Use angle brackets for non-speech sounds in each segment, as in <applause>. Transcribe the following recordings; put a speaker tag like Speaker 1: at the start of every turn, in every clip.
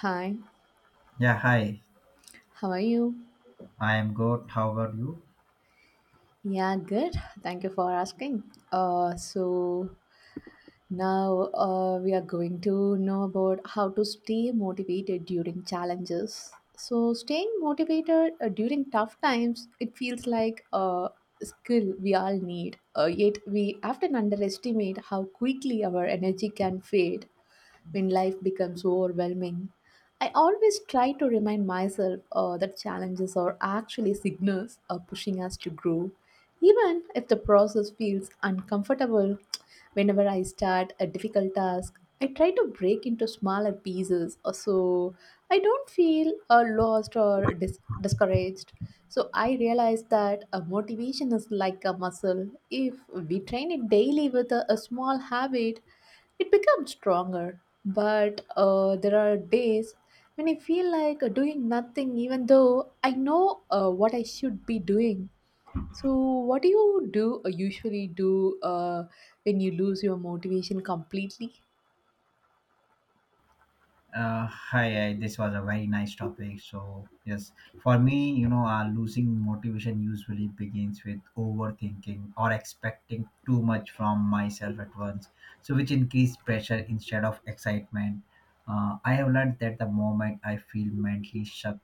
Speaker 1: Hi,
Speaker 2: Yeah, hi.
Speaker 1: how are you?
Speaker 2: I am good. How are you?
Speaker 1: Yeah, good. Thank you for asking. So now we are going to know about how to stay motivated during challenges. So staying motivated during tough times, it feels like a skill we all need. Yet we often underestimate how quickly our energy can fade when life becomes overwhelming. I always try to remind myself that challenges are actually signals pushing us to grow. Even if the process feels uncomfortable, <tsk> whenever I start a difficult task, I try to break into smaller pieces so I don't feel lost or discouraged. So I realize that a motivation is like a muscle. If we train it daily with a small habit, it becomes stronger, but there are days when I feel like doing nothing, even though I know what I should be doing. So, what do you do usually do when you lose your motivation completely?
Speaker 2: Hi, this was a very nice topic. So, yes, for me, losing motivation usually begins with overthinking or expecting too much from myself at once, so which increase pressure instead of excitement. I have learned that the moment I feel mentally shook,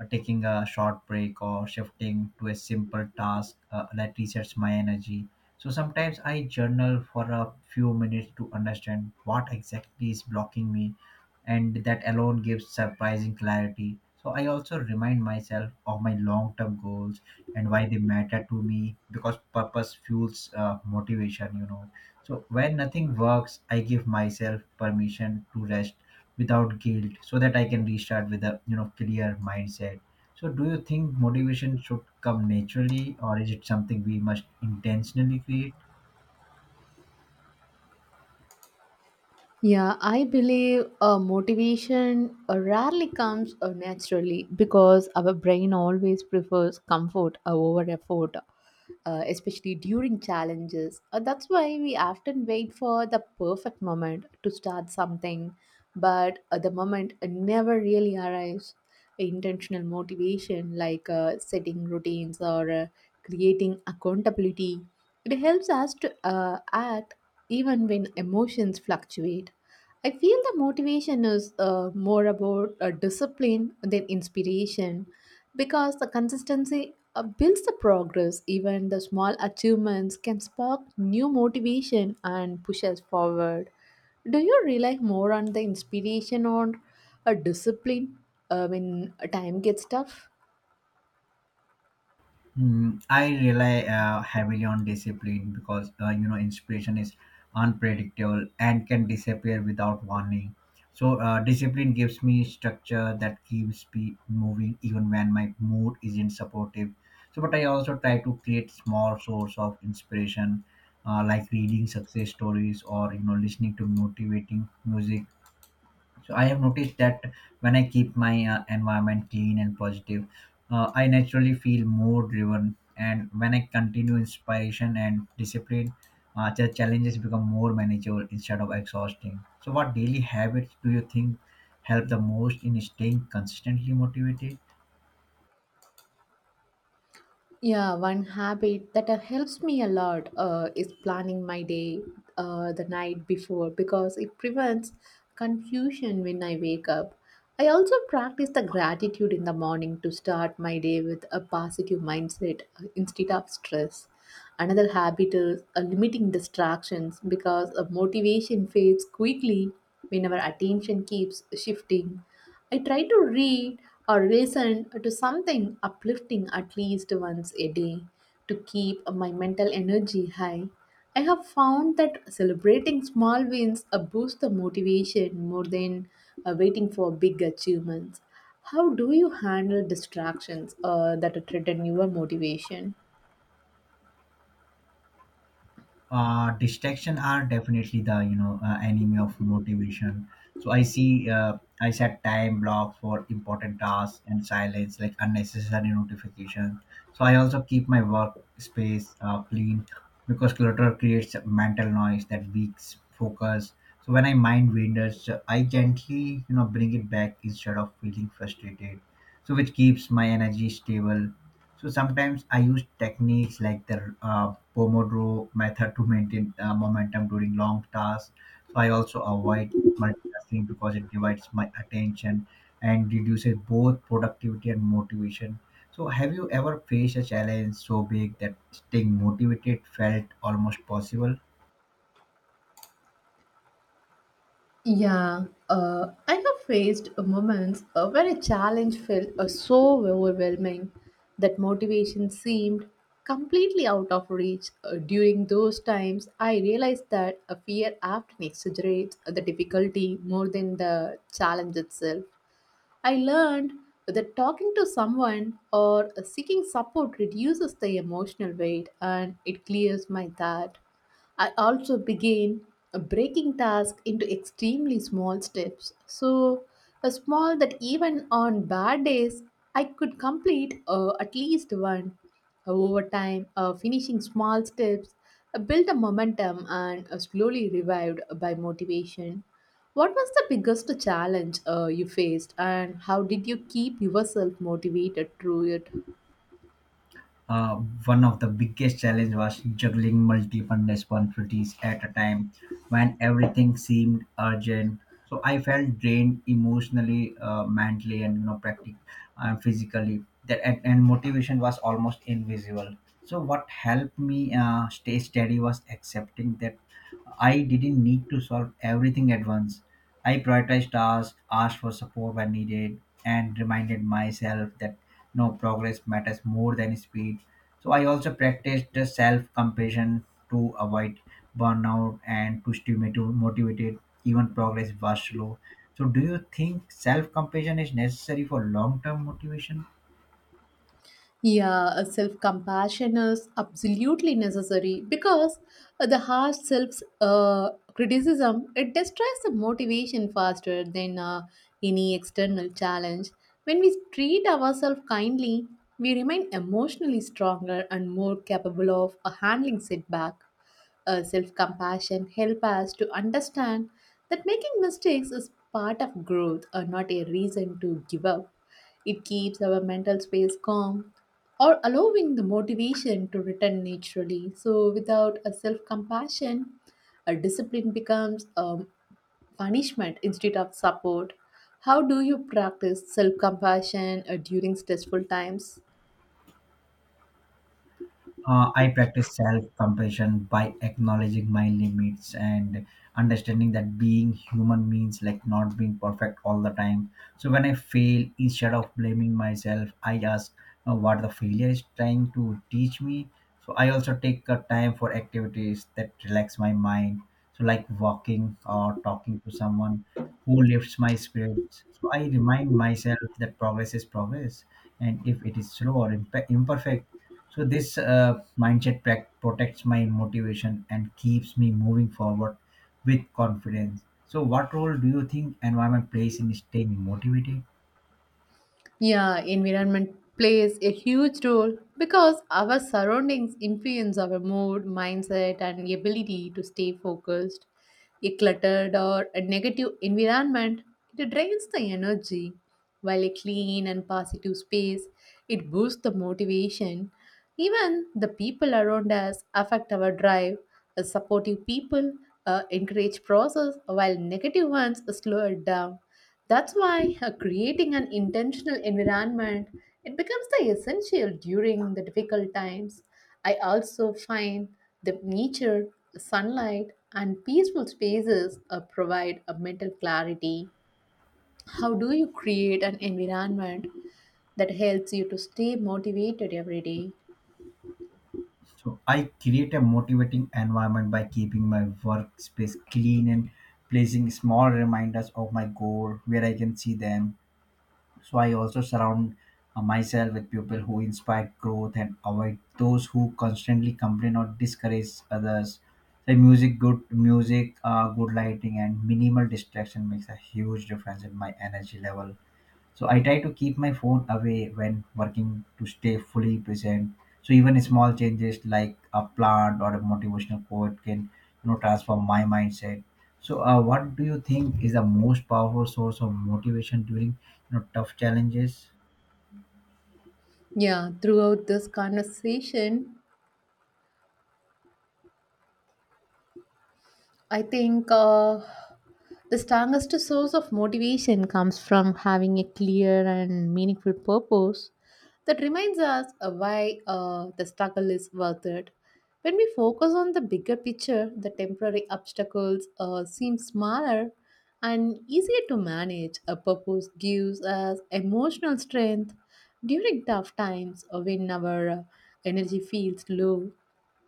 Speaker 2: taking a short break or shifting to a simple task that resets my energy. So sometimes I journal for a few minutes to understand what exactly is blocking me, and that alone gives surprising clarity. So I also remind myself of my long-term goals and why they matter to me because purpose fuels motivation, So when nothing works, I give myself permission to rest without guilt so that I can restart with a clear mindset. So do you think motivation should come naturally, or is it something we must intentionally create?
Speaker 1: Yeah, I believe motivation rarely comes naturally because our brain always prefers comfort over effort, especially during challenges. That's why we often wait for the perfect moment to start something, but the moment never really arrives. Intentional motivation, like setting routines or creating accountability, it helps us to act even when emotions fluctuate. I feel the motivation is more about discipline than inspiration because the consistency builds the progress. Even the small achievements can spark new motivation and push us forward. Do you rely more on the inspiration or a discipline when time gets tough?
Speaker 2: Mm, I rely heavily on discipline because inspiration is unpredictable and can disappear without warning. So discipline gives me structure that keeps me moving even when my mood isn't supportive. So, but I also try to create small source of inspiration, like reading success stories or listening to motivating music. So I have noticed that when I keep my environment clean and positive, I naturally feel more driven, and when I continue inspiration and discipline, the challenges become more manageable instead of exhausting. So what daily habits do you think help the most in staying consistently motivated?
Speaker 1: Yeah, one habit that helps me a lot is planning my day the night before because it prevents confusion when I wake up. I also practice the gratitude in the morning to start my day with a positive mindset instead of stress. Another habit is limiting distractions because motivation fades quickly when our attention keeps shifting. I try to read or listen to something uplifting at least once a day to keep my mental energy high. I have found that celebrating small wins boosts the motivation more than waiting for big achievements. How do you handle distractions that threaten your motivation?
Speaker 2: Distraction are definitely the enemy of motivation. So I set time blocks for important tasks and silence like unnecessary notifications. So I also keep my workspace clean because clutter creates mental noise that weaks focus. So when I mind wanders, I gently bring it back instead of feeling frustrated, so which keeps my energy stable. So sometimes I use techniques like the Pomodoro method to maintain momentum during long tasks. So I also avoid multitasking because it divides my attention and reduces both productivity and motivation. So have you ever faced a challenge so big that staying motivated felt almost possible?
Speaker 1: Yeah, I have faced moments where a challenge felt so overwhelming that motivation seemed completely out of reach. During those times, I realized that a fear often exaggerates the difficulty more than the challenge itself. I learned that talking to someone or seeking support reduces the emotional weight and it clears my thought. I also began breaking tasks into extremely small steps. So, a small that even on bad days, I could complete at least one. Over time, finishing small steps built a momentum and slowly revived by motivation. What was the biggest challenge you faced, and how did you keep yourself motivated through it?
Speaker 2: uh, One of the biggest challenge was juggling multiple responsibilities at a time when everything seemed urgent. So I felt drained emotionally, mentally, and practically and physically that and motivation was almost invisible. So what helped me stay steady was accepting that I didn't need to solve everything at once. I prioritized tasks, asked for support when needed, and reminded myself that no progress matters more than speed. So I also practiced the self-compassion to avoid burnout and to stay motivated even progress was slow. So do you think self-compassion is necessary for long-term motivation?
Speaker 1: Yeah, self compassion is absolutely necessary because the harsh self criticism it destroys the motivation faster than any external challenge. When we treat ourselves kindly, we remain emotionally stronger and more capable of handling setback. Self compassion help us to understand that making mistakes is part of growth or not a reason to give up. It keeps our mental space calm or allowing the motivation to return naturally. So, without a self compassion, a discipline becomes a punishment instead of support. How do you practice self compassion during stressful times?
Speaker 2: I practice self compassion by acknowledging my limits and understanding that being human means like not being perfect all the time. So when I fail, instead of blaming myself, I ask what the failure is trying to teach me. So I also take time for activities that relax my mind, so like walking or talking to someone who lifts my spirits. So I remind myself that progress is progress, and if it is slow or imperfect, so this mindset protects my motivation and keeps me moving forward with confidence. So, what role do you think environment plays in staying motivated?
Speaker 1: Yeah, environment plays a huge role because our surroundings influence our mood, mindset, and ability to stay focused. A cluttered or a negative environment, it drains the energy, while a clean and positive space, it boosts the motivation. Even the people around us affect our drive. A supportive people encourage process, while negative ones slow it down. That's why creating an intentional environment it becomes the essential during the difficult times. I also find the nature, sunlight, and peaceful spaces provide a mental clarity. How do you create an environment that helps you to stay motivated every day?
Speaker 2: So, I create a motivating environment by keeping my workspace clean and placing small reminders of my goal where I can see them. So I also surround myself with people who inspire growth and avoid those who constantly complain or discourage others. So music, good lighting, and minimal distraction makes a huge difference in my energy level. So I try to keep my phone away when working to stay fully present. So even small changes like a plant or a motivational quote can transform my mindset. So what do you think is the most powerful source of motivation during tough challenges?
Speaker 1: Yeah, throughout this conversation, I think the strongest source of motivation comes from having a clear and meaningful purpose that reminds us of why the struggle is worth it. When we focus on the bigger picture, the temporary obstacles seem smaller and easier to manage. A purpose gives us emotional strength during tough times or when our energy feels low.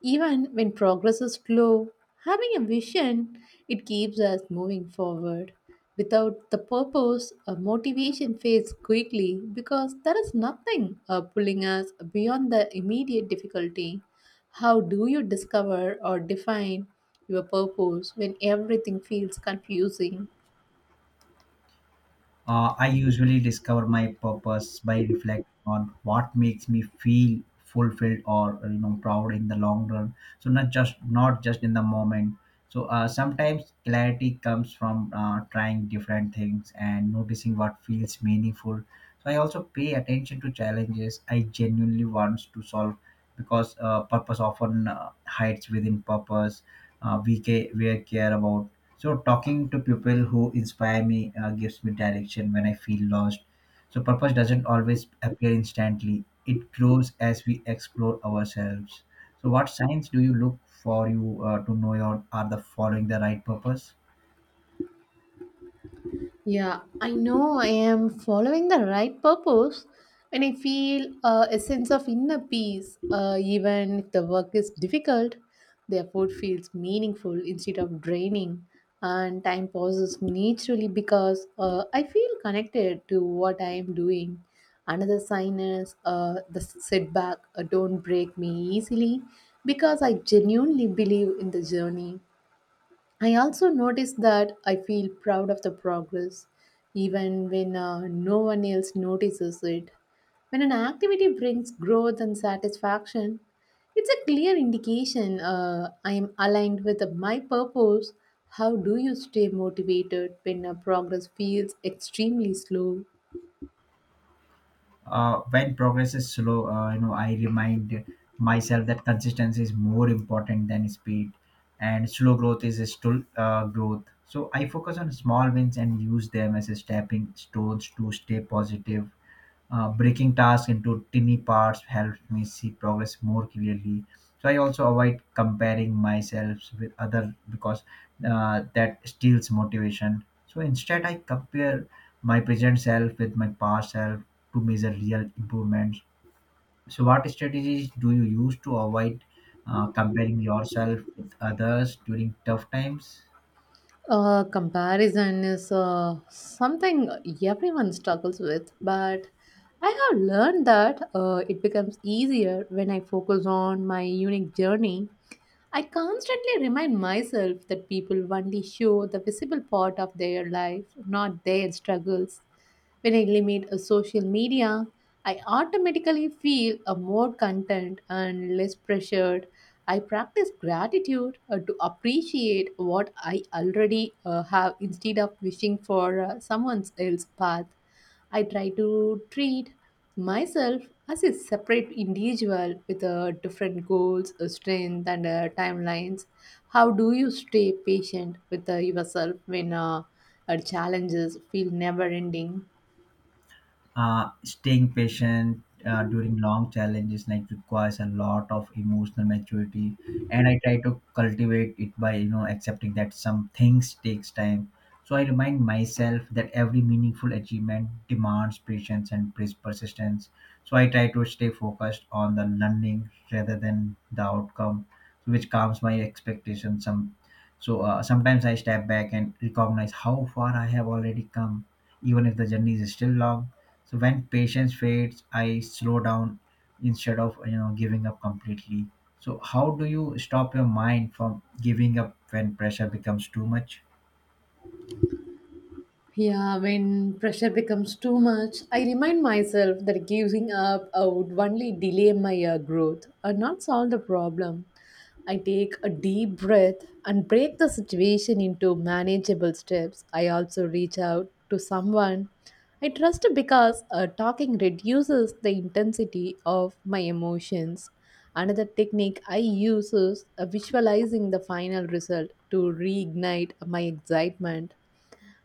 Speaker 1: Even when progress is slow, having a vision, it keeps us moving forward. Without the purpose, a motivation fades quickly because there is nothing pulling us beyond the immediate difficulty. How do you discover or define your purpose when everything feels confusing?
Speaker 2: I usually discover my purpose by reflecting on what makes me feel fulfilled or proud in the long run, so not just in the moment. So sometimes clarity comes from trying different things and noticing what feels meaningful. So I also pay attention to challenges I genuinely want to solve because purpose often hides within purpose we care about. So talking to people who inspire me gives me direction when I feel lost. So purpose doesn't always appear instantly. It grows as we explore ourselves. So what signs do you look for you to know you are the following the right purpose?
Speaker 1: Yeah, I know I am following the right purpose and I feel a sense of inner peace. Even if the work is difficult, the effort feels meaningful instead of draining, and time passes naturally because I feel connected to what I am doing. Another sign is the setback don't break me easily because I genuinely believe in the journey. I also notice that I feel proud of the progress, even when no one else notices it. When an activity brings growth and satisfaction, it's a clear indication I am aligned with my purpose. How do you stay motivated when progress feels extremely slow?
Speaker 2: When progress is slow, I remind myself that consistency is more important than speed, and slow growth is still growth. So I focus on small wins and use them as a stepping stones to stay positive. Breaking tasks into tiny parts helps me see progress more clearly. So I also avoid comparing myself with other because that steals motivation. So instead I compare my present self with my past self to measure real improvements. So what strategies do you use to avoid comparing yourself with others during tough times?
Speaker 1: Comparison is something everyone struggles with, but I have learned that it becomes easier when I focus on my unique journey. I constantly remind myself that people only show the visible part of their life, not their struggles. When I limit a social media, I automatically feel a more content and less pressured. I practice gratitude to appreciate what I already have instead of wishing for someone else's path. I try to treat myself as a separate individual with different goals, strength, and timelines. How do you stay patient with yourself when challenges feel never ending?
Speaker 2: Staying patient during long challenges like requires a lot of emotional maturity, and I try to cultivate it by accepting that some things takes time. So I remind myself that every meaningful achievement demands patience and persistence. So I try to stay focused on the learning rather than the outcome, which calms my expectations some. So sometimes I step back and recognize how far I have already come, even if the journey is still long. So when patience fades, I slow down instead of giving up completely. So how do you stop your mind from giving up when pressure becomes too much?
Speaker 1: Yeah, when pressure becomes too much, I remind myself that giving up would only delay my growth and not solve the problem. I take a deep breath and break the situation into manageable steps. I also reach out to someone I trust because talking reduces the intensity of my emotions. Another technique I use is visualizing the final result to reignite my excitement.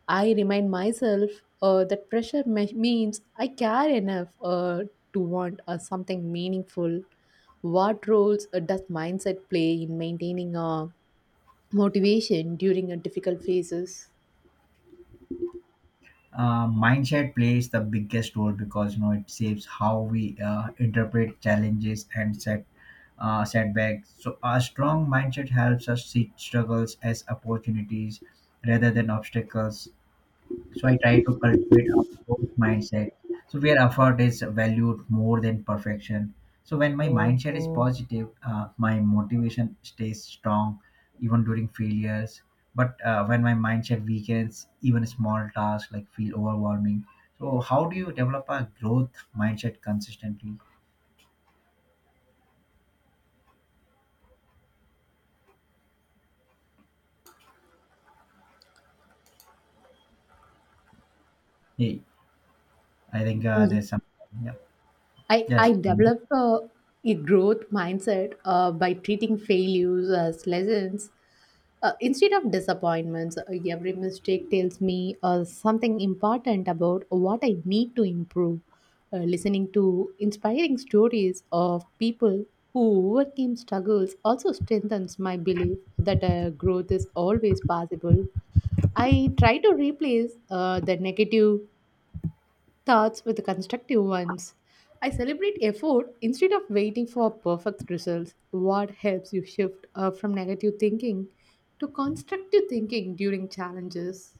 Speaker 1: I remind myself that means I care enough to want something meaningful. What roles does mindset play in maintaining motivation during difficult phases?
Speaker 2: Mindset plays the biggest role because it saves how we interpret challenges and setbacks. So a strong mindset helps us see struggles as opportunities rather than obstacles. So I try to cultivate a growth mindset, so where effort is valued more than perfection. So when my mindset is positive, my motivation stays strong even during failures. But when my mindset weakens, even small tasks like feel overwhelming. So how do you develop a growth mindset consistently? Hey, I think there's some. Yeah.
Speaker 1: I,
Speaker 2: Yes.
Speaker 1: I developed a growth mindset by treating failures as lessons instead of disappointments. Every mistake tells me something important about what I need to improve. Listening to inspiring stories of people who overcame struggles also strengthens my belief that growth is always possible. I try to replace the negative starts with the constructive ones. I celebrate effort instead of waiting for perfect results. What helps you shift from negative thinking to constructive thinking during challenges?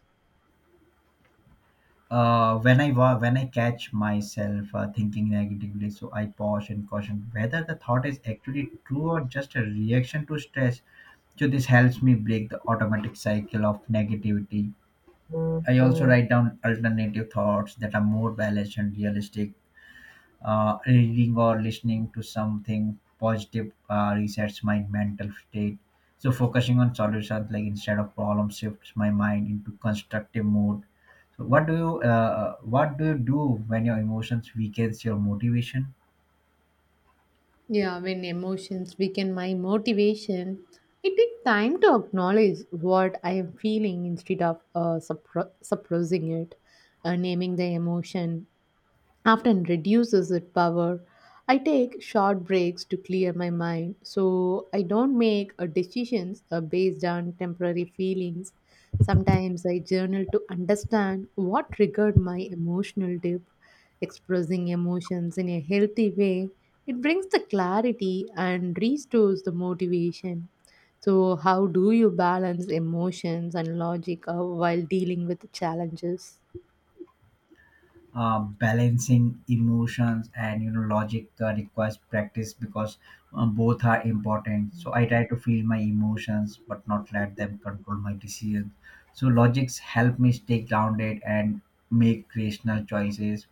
Speaker 2: When I catch myself thinking negatively, so I pause and caution whether the thought is actually true or just a reaction to stress. So this helps me break the automatic cycle of negativity. I also write down alternative thoughts that are more balanced and realistic. Reading or listening to something positive resets my mental state. So focusing on solutions like instead of problem shifts my mind into constructive mode. So what do you do when your emotions weakens your motivation?
Speaker 1: Yeah, when emotions weaken my motivation, it takes time to acknowledge what I am feeling instead of suppressing it. Naming the emotion often reduces its power. I take short breaks to clear my mind so I don't make decisions based on temporary feelings. Sometimes I journal to understand what triggered my emotional dip. Expressing emotions in a healthy way, it brings the clarity and restores the motivation. So, how do you balance emotions and logic while dealing with challenges?
Speaker 2: Balancing emotions and logic requires practice because both are important. So I try to feel my emotions but not let them control my decisions. So logics help me stay grounded and make rational choices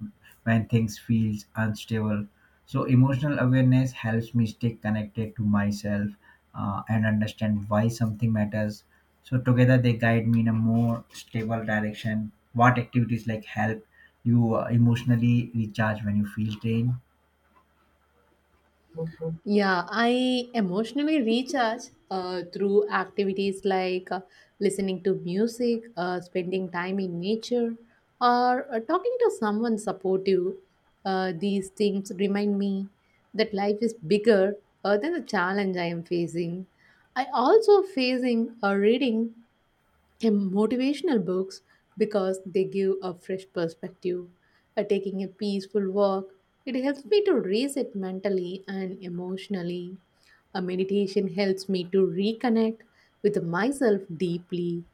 Speaker 2: when things feels unstable. So emotional awareness helps me stay connected to myself, and understand why something matters. So together they guide me in a more stable direction. What activities like help you emotionally recharge when you feel drained?
Speaker 1: Yeah, I emotionally recharge through activities like listening to music, spending time in nature, or talking to someone supportive. These things remind me that life is bigger than the challenge I am facing. I also facing a reading and motivational books because they give a fresh perspective. Taking a peaceful walk, it helps me to reset mentally and emotionally. A meditation helps me to reconnect with myself deeply.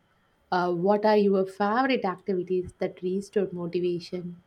Speaker 1: What are your favorite activities that restore motivation?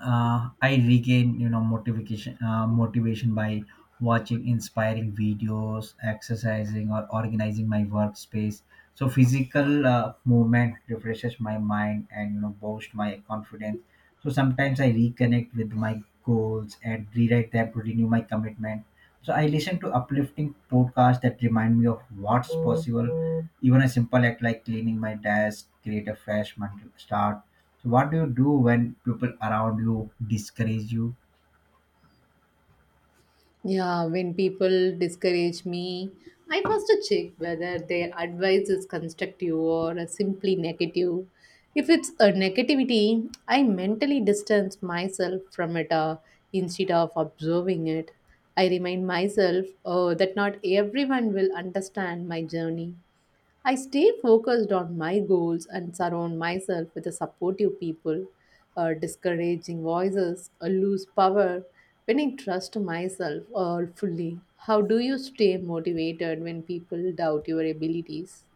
Speaker 2: I regain motivation by watching inspiring videos, exercising, or organizing my workspace. So physical movement refreshes my mind and boosts my confidence. So sometimes I reconnect with my goals and rewrite them to renew my commitment. So I listen to uplifting podcasts that remind me of what's possible. Even a simple act like cleaning my desk create a fresh mental start. So what do you do when people around you discourage you?
Speaker 1: Yeah, when people discourage me, I first check whether their advice is constructive or simply negative. If it's a negativity, I mentally distance myself from it instead of observing it. I remind myself oh, that not everyone will understand my journey. I stay focused on my goals and surround myself with the supportive people. Discouraging voices lose power when I trust myself fully. How do you stay motivated when people doubt your abilities?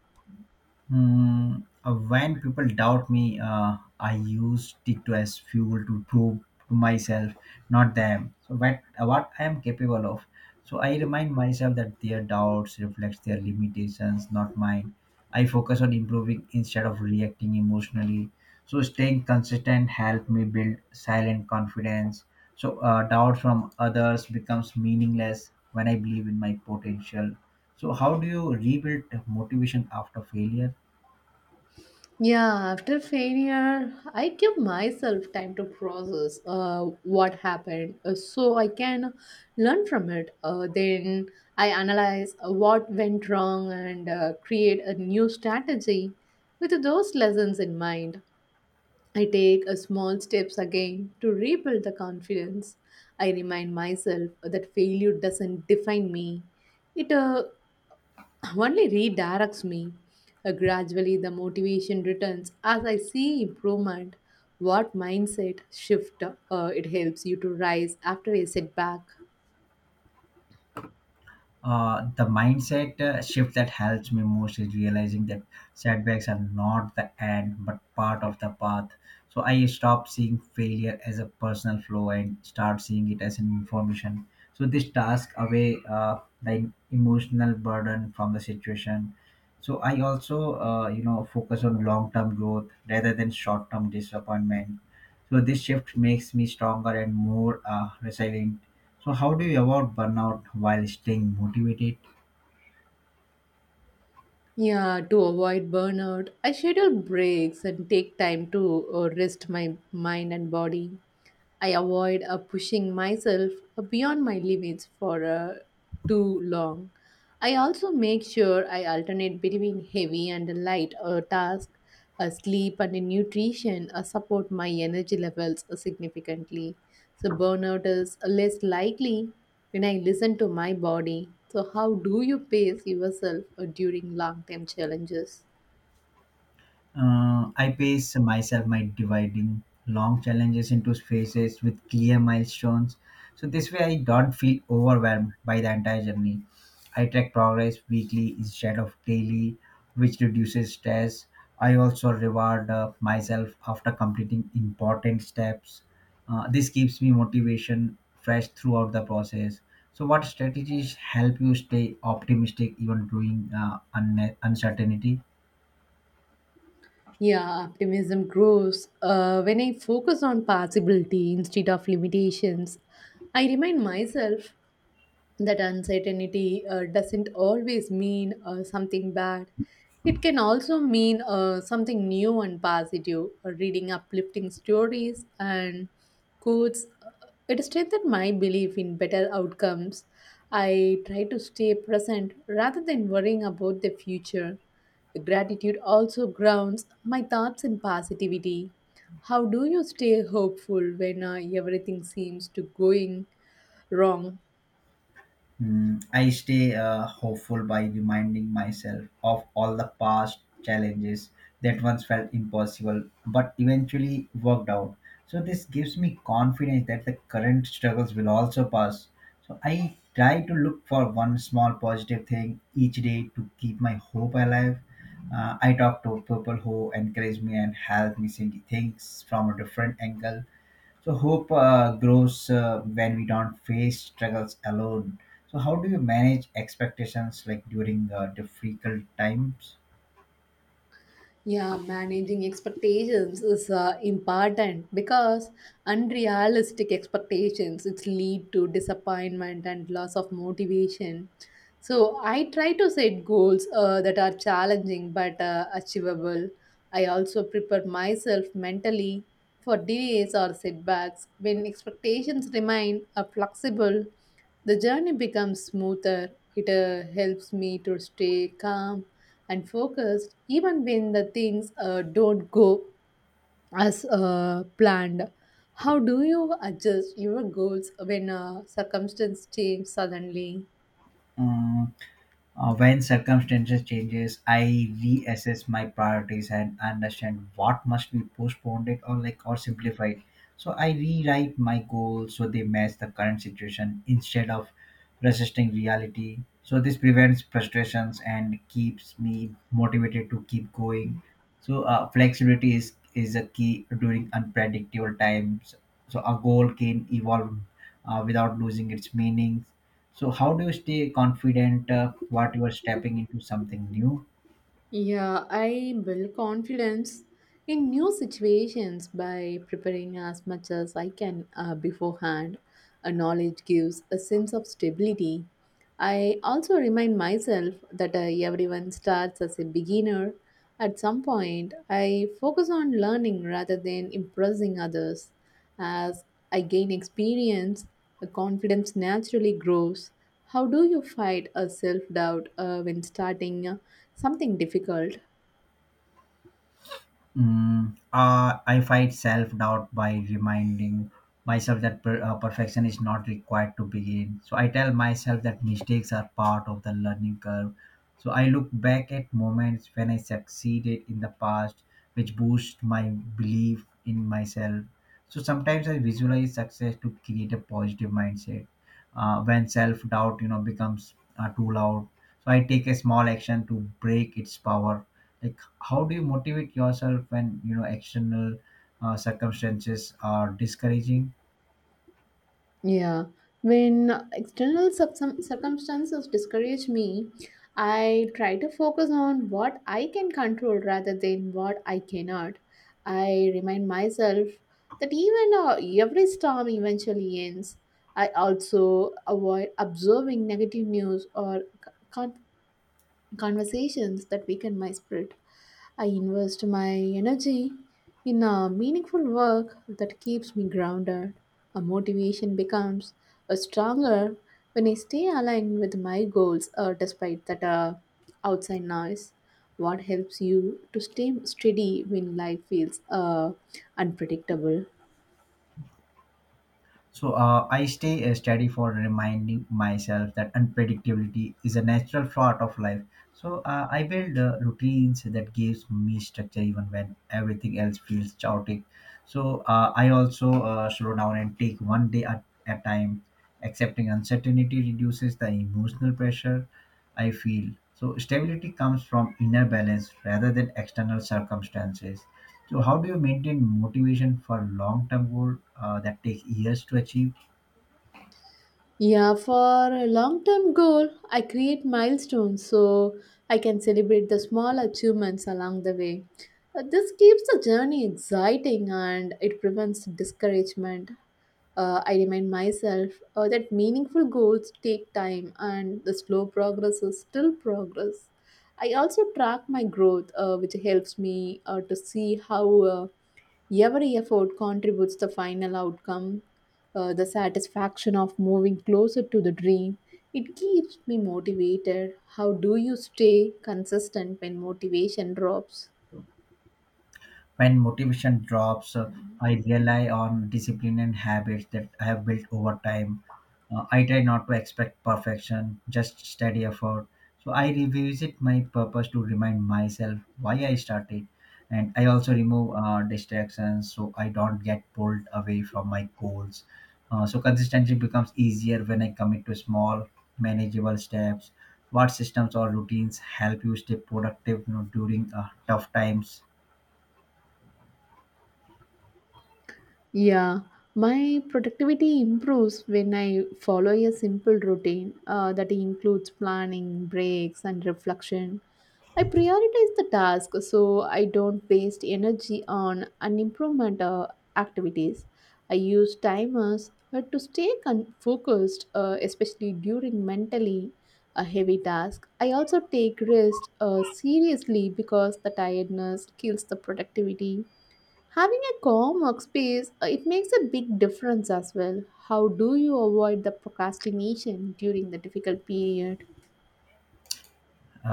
Speaker 2: Mm, when people doubt me, I used it as fuel to prove to myself, not them, so what I am capable of. So I remind myself that their doubts reflects their limitations, not mine. I focus on improving instead of reacting emotionally. So staying consistent helped me build silent confidence. So doubt from others becomes meaningless when I believe in my potential. So how do you rebuild motivation after failure?
Speaker 1: Yeah, after failure, I give myself time to process what happened so I can learn from it. Then I analyze what went wrong and create a new strategy. With those lessons in mind, I take small steps again to rebuild the confidence. I remind myself that failure doesn't define me, it only redirects me. Gradually, the motivation returns as I see improvement. What mindset shift it helps you to rise after a setback?
Speaker 2: The mindset shift that helps me most is realizing that setbacks are not the end but part of the path. So I stop seeing failure as a personal flaw and start seeing it as an information. So this task away the emotional burden from the situation. So I also focus on long term growth rather than short term disappointment. So this shift makes me stronger and more resilient. So, how do you avoid burnout while staying motivated?
Speaker 1: Yeah, to avoid burnout, I schedule breaks and take time to rest my mind and body. I avoid pushing myself beyond my limits for too long. I also make sure I alternate between heavy and light tasks. Sleep and nutrition support my energy levels significantly. So, burnout is less likely when I listen to my body. So, how do you pace yourself during long term challenges?
Speaker 2: I pace myself by dividing long challenges into phases with clear milestones. So this way, I don't feel overwhelmed by the entire journey. I track progress weekly instead of daily, which reduces stress. I also reward myself after completing important steps. This keeps me motivation fresh throughout the process. So, what strategies help you stay optimistic even during uncertainty?
Speaker 1: Yeah, optimism grows when I focus on possibility instead of limitations. I remind myself that uncertainty doesn't always mean something bad. It can also mean something new and positive. Reading uplifting stories and quotes, it strengthened my belief in better outcomes. I try to stay present rather than worrying about the future. Gratitude also grounds my thoughts in positivity. How do you stay hopeful when everything seems to going wrong?
Speaker 2: Mm, I stay hopeful by reminding myself of all the past challenges that once felt impossible but eventually worked out. So, this gives me confidence that the current struggles will also pass. So, I try to look for one small positive thing each day to keep my hope alive. I talk to people who encourage me and help me see things from a different angle. So hope grows when we don't face struggles alone. So how do you manage expectations like during difficult times?
Speaker 1: Yeah, managing expectations is important because unrealistic expectations it's lead to disappointment and loss of motivation. So I try to set goals that are challenging but achievable. I also prepare myself mentally for delays or setbacks. When expectations remain flexible, the journey becomes smoother. It helps me to stay calm and focused even when the things don't go as planned. How do you adjust your goals when circumstances change suddenly?
Speaker 2: Mm, when circumstances changes, I reassess my priorities and understand what must be postponed it or like or simplified. So I rewrite my goals so they match the current situation instead of resisting reality. So this prevents frustrations and keeps me motivated to keep going. So flexibility is a key during unpredictable times. So a goal can evolve without losing its meaning. So how do you stay confident what you are stepping into something new?
Speaker 1: Yeah, I build confidence in new situations by preparing as much as I can beforehand. A knowledge gives a sense of stability. I also remind myself that everyone starts as a beginner. At some point, I focus on learning rather than impressing others. As I gain experience, the confidence naturally grows. How do you fight a self doubt when starting something difficult?
Speaker 2: I fight self doubt by reminding myself that perfection is not required to begin. So I tell myself that mistakes are part of the learning curve. So I look back at moments when I succeeded in the past, which boost my belief in myself. So sometimes I visualize success to create a positive mindset. When self doubt, becomes too loud, so I take a small action to break its power. Like how do you motivate yourself when you know external circumstances are discouraging?
Speaker 1: Yeah, when external some circumstances discourage me, I try to focus on what I can control rather than what I cannot. I remind myself that even every storm eventually ends. I also avoid observing negative news or conversations that weaken my spirit. I invest my energy in a meaningful work that keeps me grounded. A motivation becomes a stronger when I stay aligned with my goals despite that outside noise. What helps you to stay steady when life feels unpredictable?
Speaker 2: So I stay steady for reminding myself that unpredictability is a natural part of life. So I build routines that gives me structure even when everything else feels chaotic. So I also slow down and take one day at a time. Accepting uncertainty reduces the emotional pressure I feel. So stability comes from inner balance rather than external circumstances. So, how do you maintain motivation for long-term goal that take years to achieve?
Speaker 1: Yeah, for a long term goal, I create milestones so I can celebrate the small achievements along the way. This keeps the journey exciting and it prevents discouragement. I remind myself that meaningful goals take time and the slow progress is still progress. I also track my growth, which helps me to see how every effort contributes to the final outcome, the satisfaction of moving closer to the dream. It keeps me motivated. How do you stay consistent when motivation drops?
Speaker 2: When motivation drops, I rely on discipline and habits that I have built over time. I try not to expect perfection, just steady effort. So I revisit my purpose to remind myself why I started. And I also remove distractions so I don't get pulled away from my goals. So consistency becomes easier when I commit to small, manageable steps. What systems or routines help you stay productive, during tough times?
Speaker 1: Yeah, my productivity improves when I follow a simple routine that includes planning, breaks, and reflection. I prioritize the task so I don't waste energy on unimprovement activities. I use timers to stay focused, especially during mentally a heavy task. I also take rest seriously because the tiredness kills the productivity. Having a calm workspace, it makes a big difference as well. How do you avoid the procrastination during the difficult period?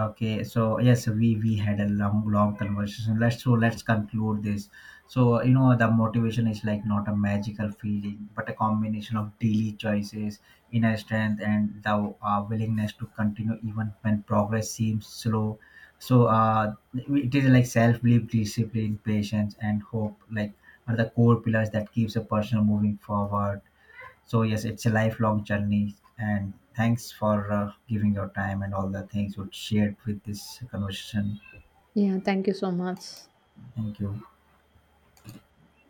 Speaker 2: Okay, so yes, we had a long conversation. Let's conclude this. So you know the motivation is like not a magical feeling, but a combination of daily choices, inner strength, and the willingness to continue even when progress seems slow. So it is like self belief, discipline, patience, and hope. Like are the core pillars that keeps a person moving forward. So yes, it's a lifelong journey, and thanks for giving your time and all the things you shared with this conversation.
Speaker 1: Yeah, thank you so much.
Speaker 2: Thank you.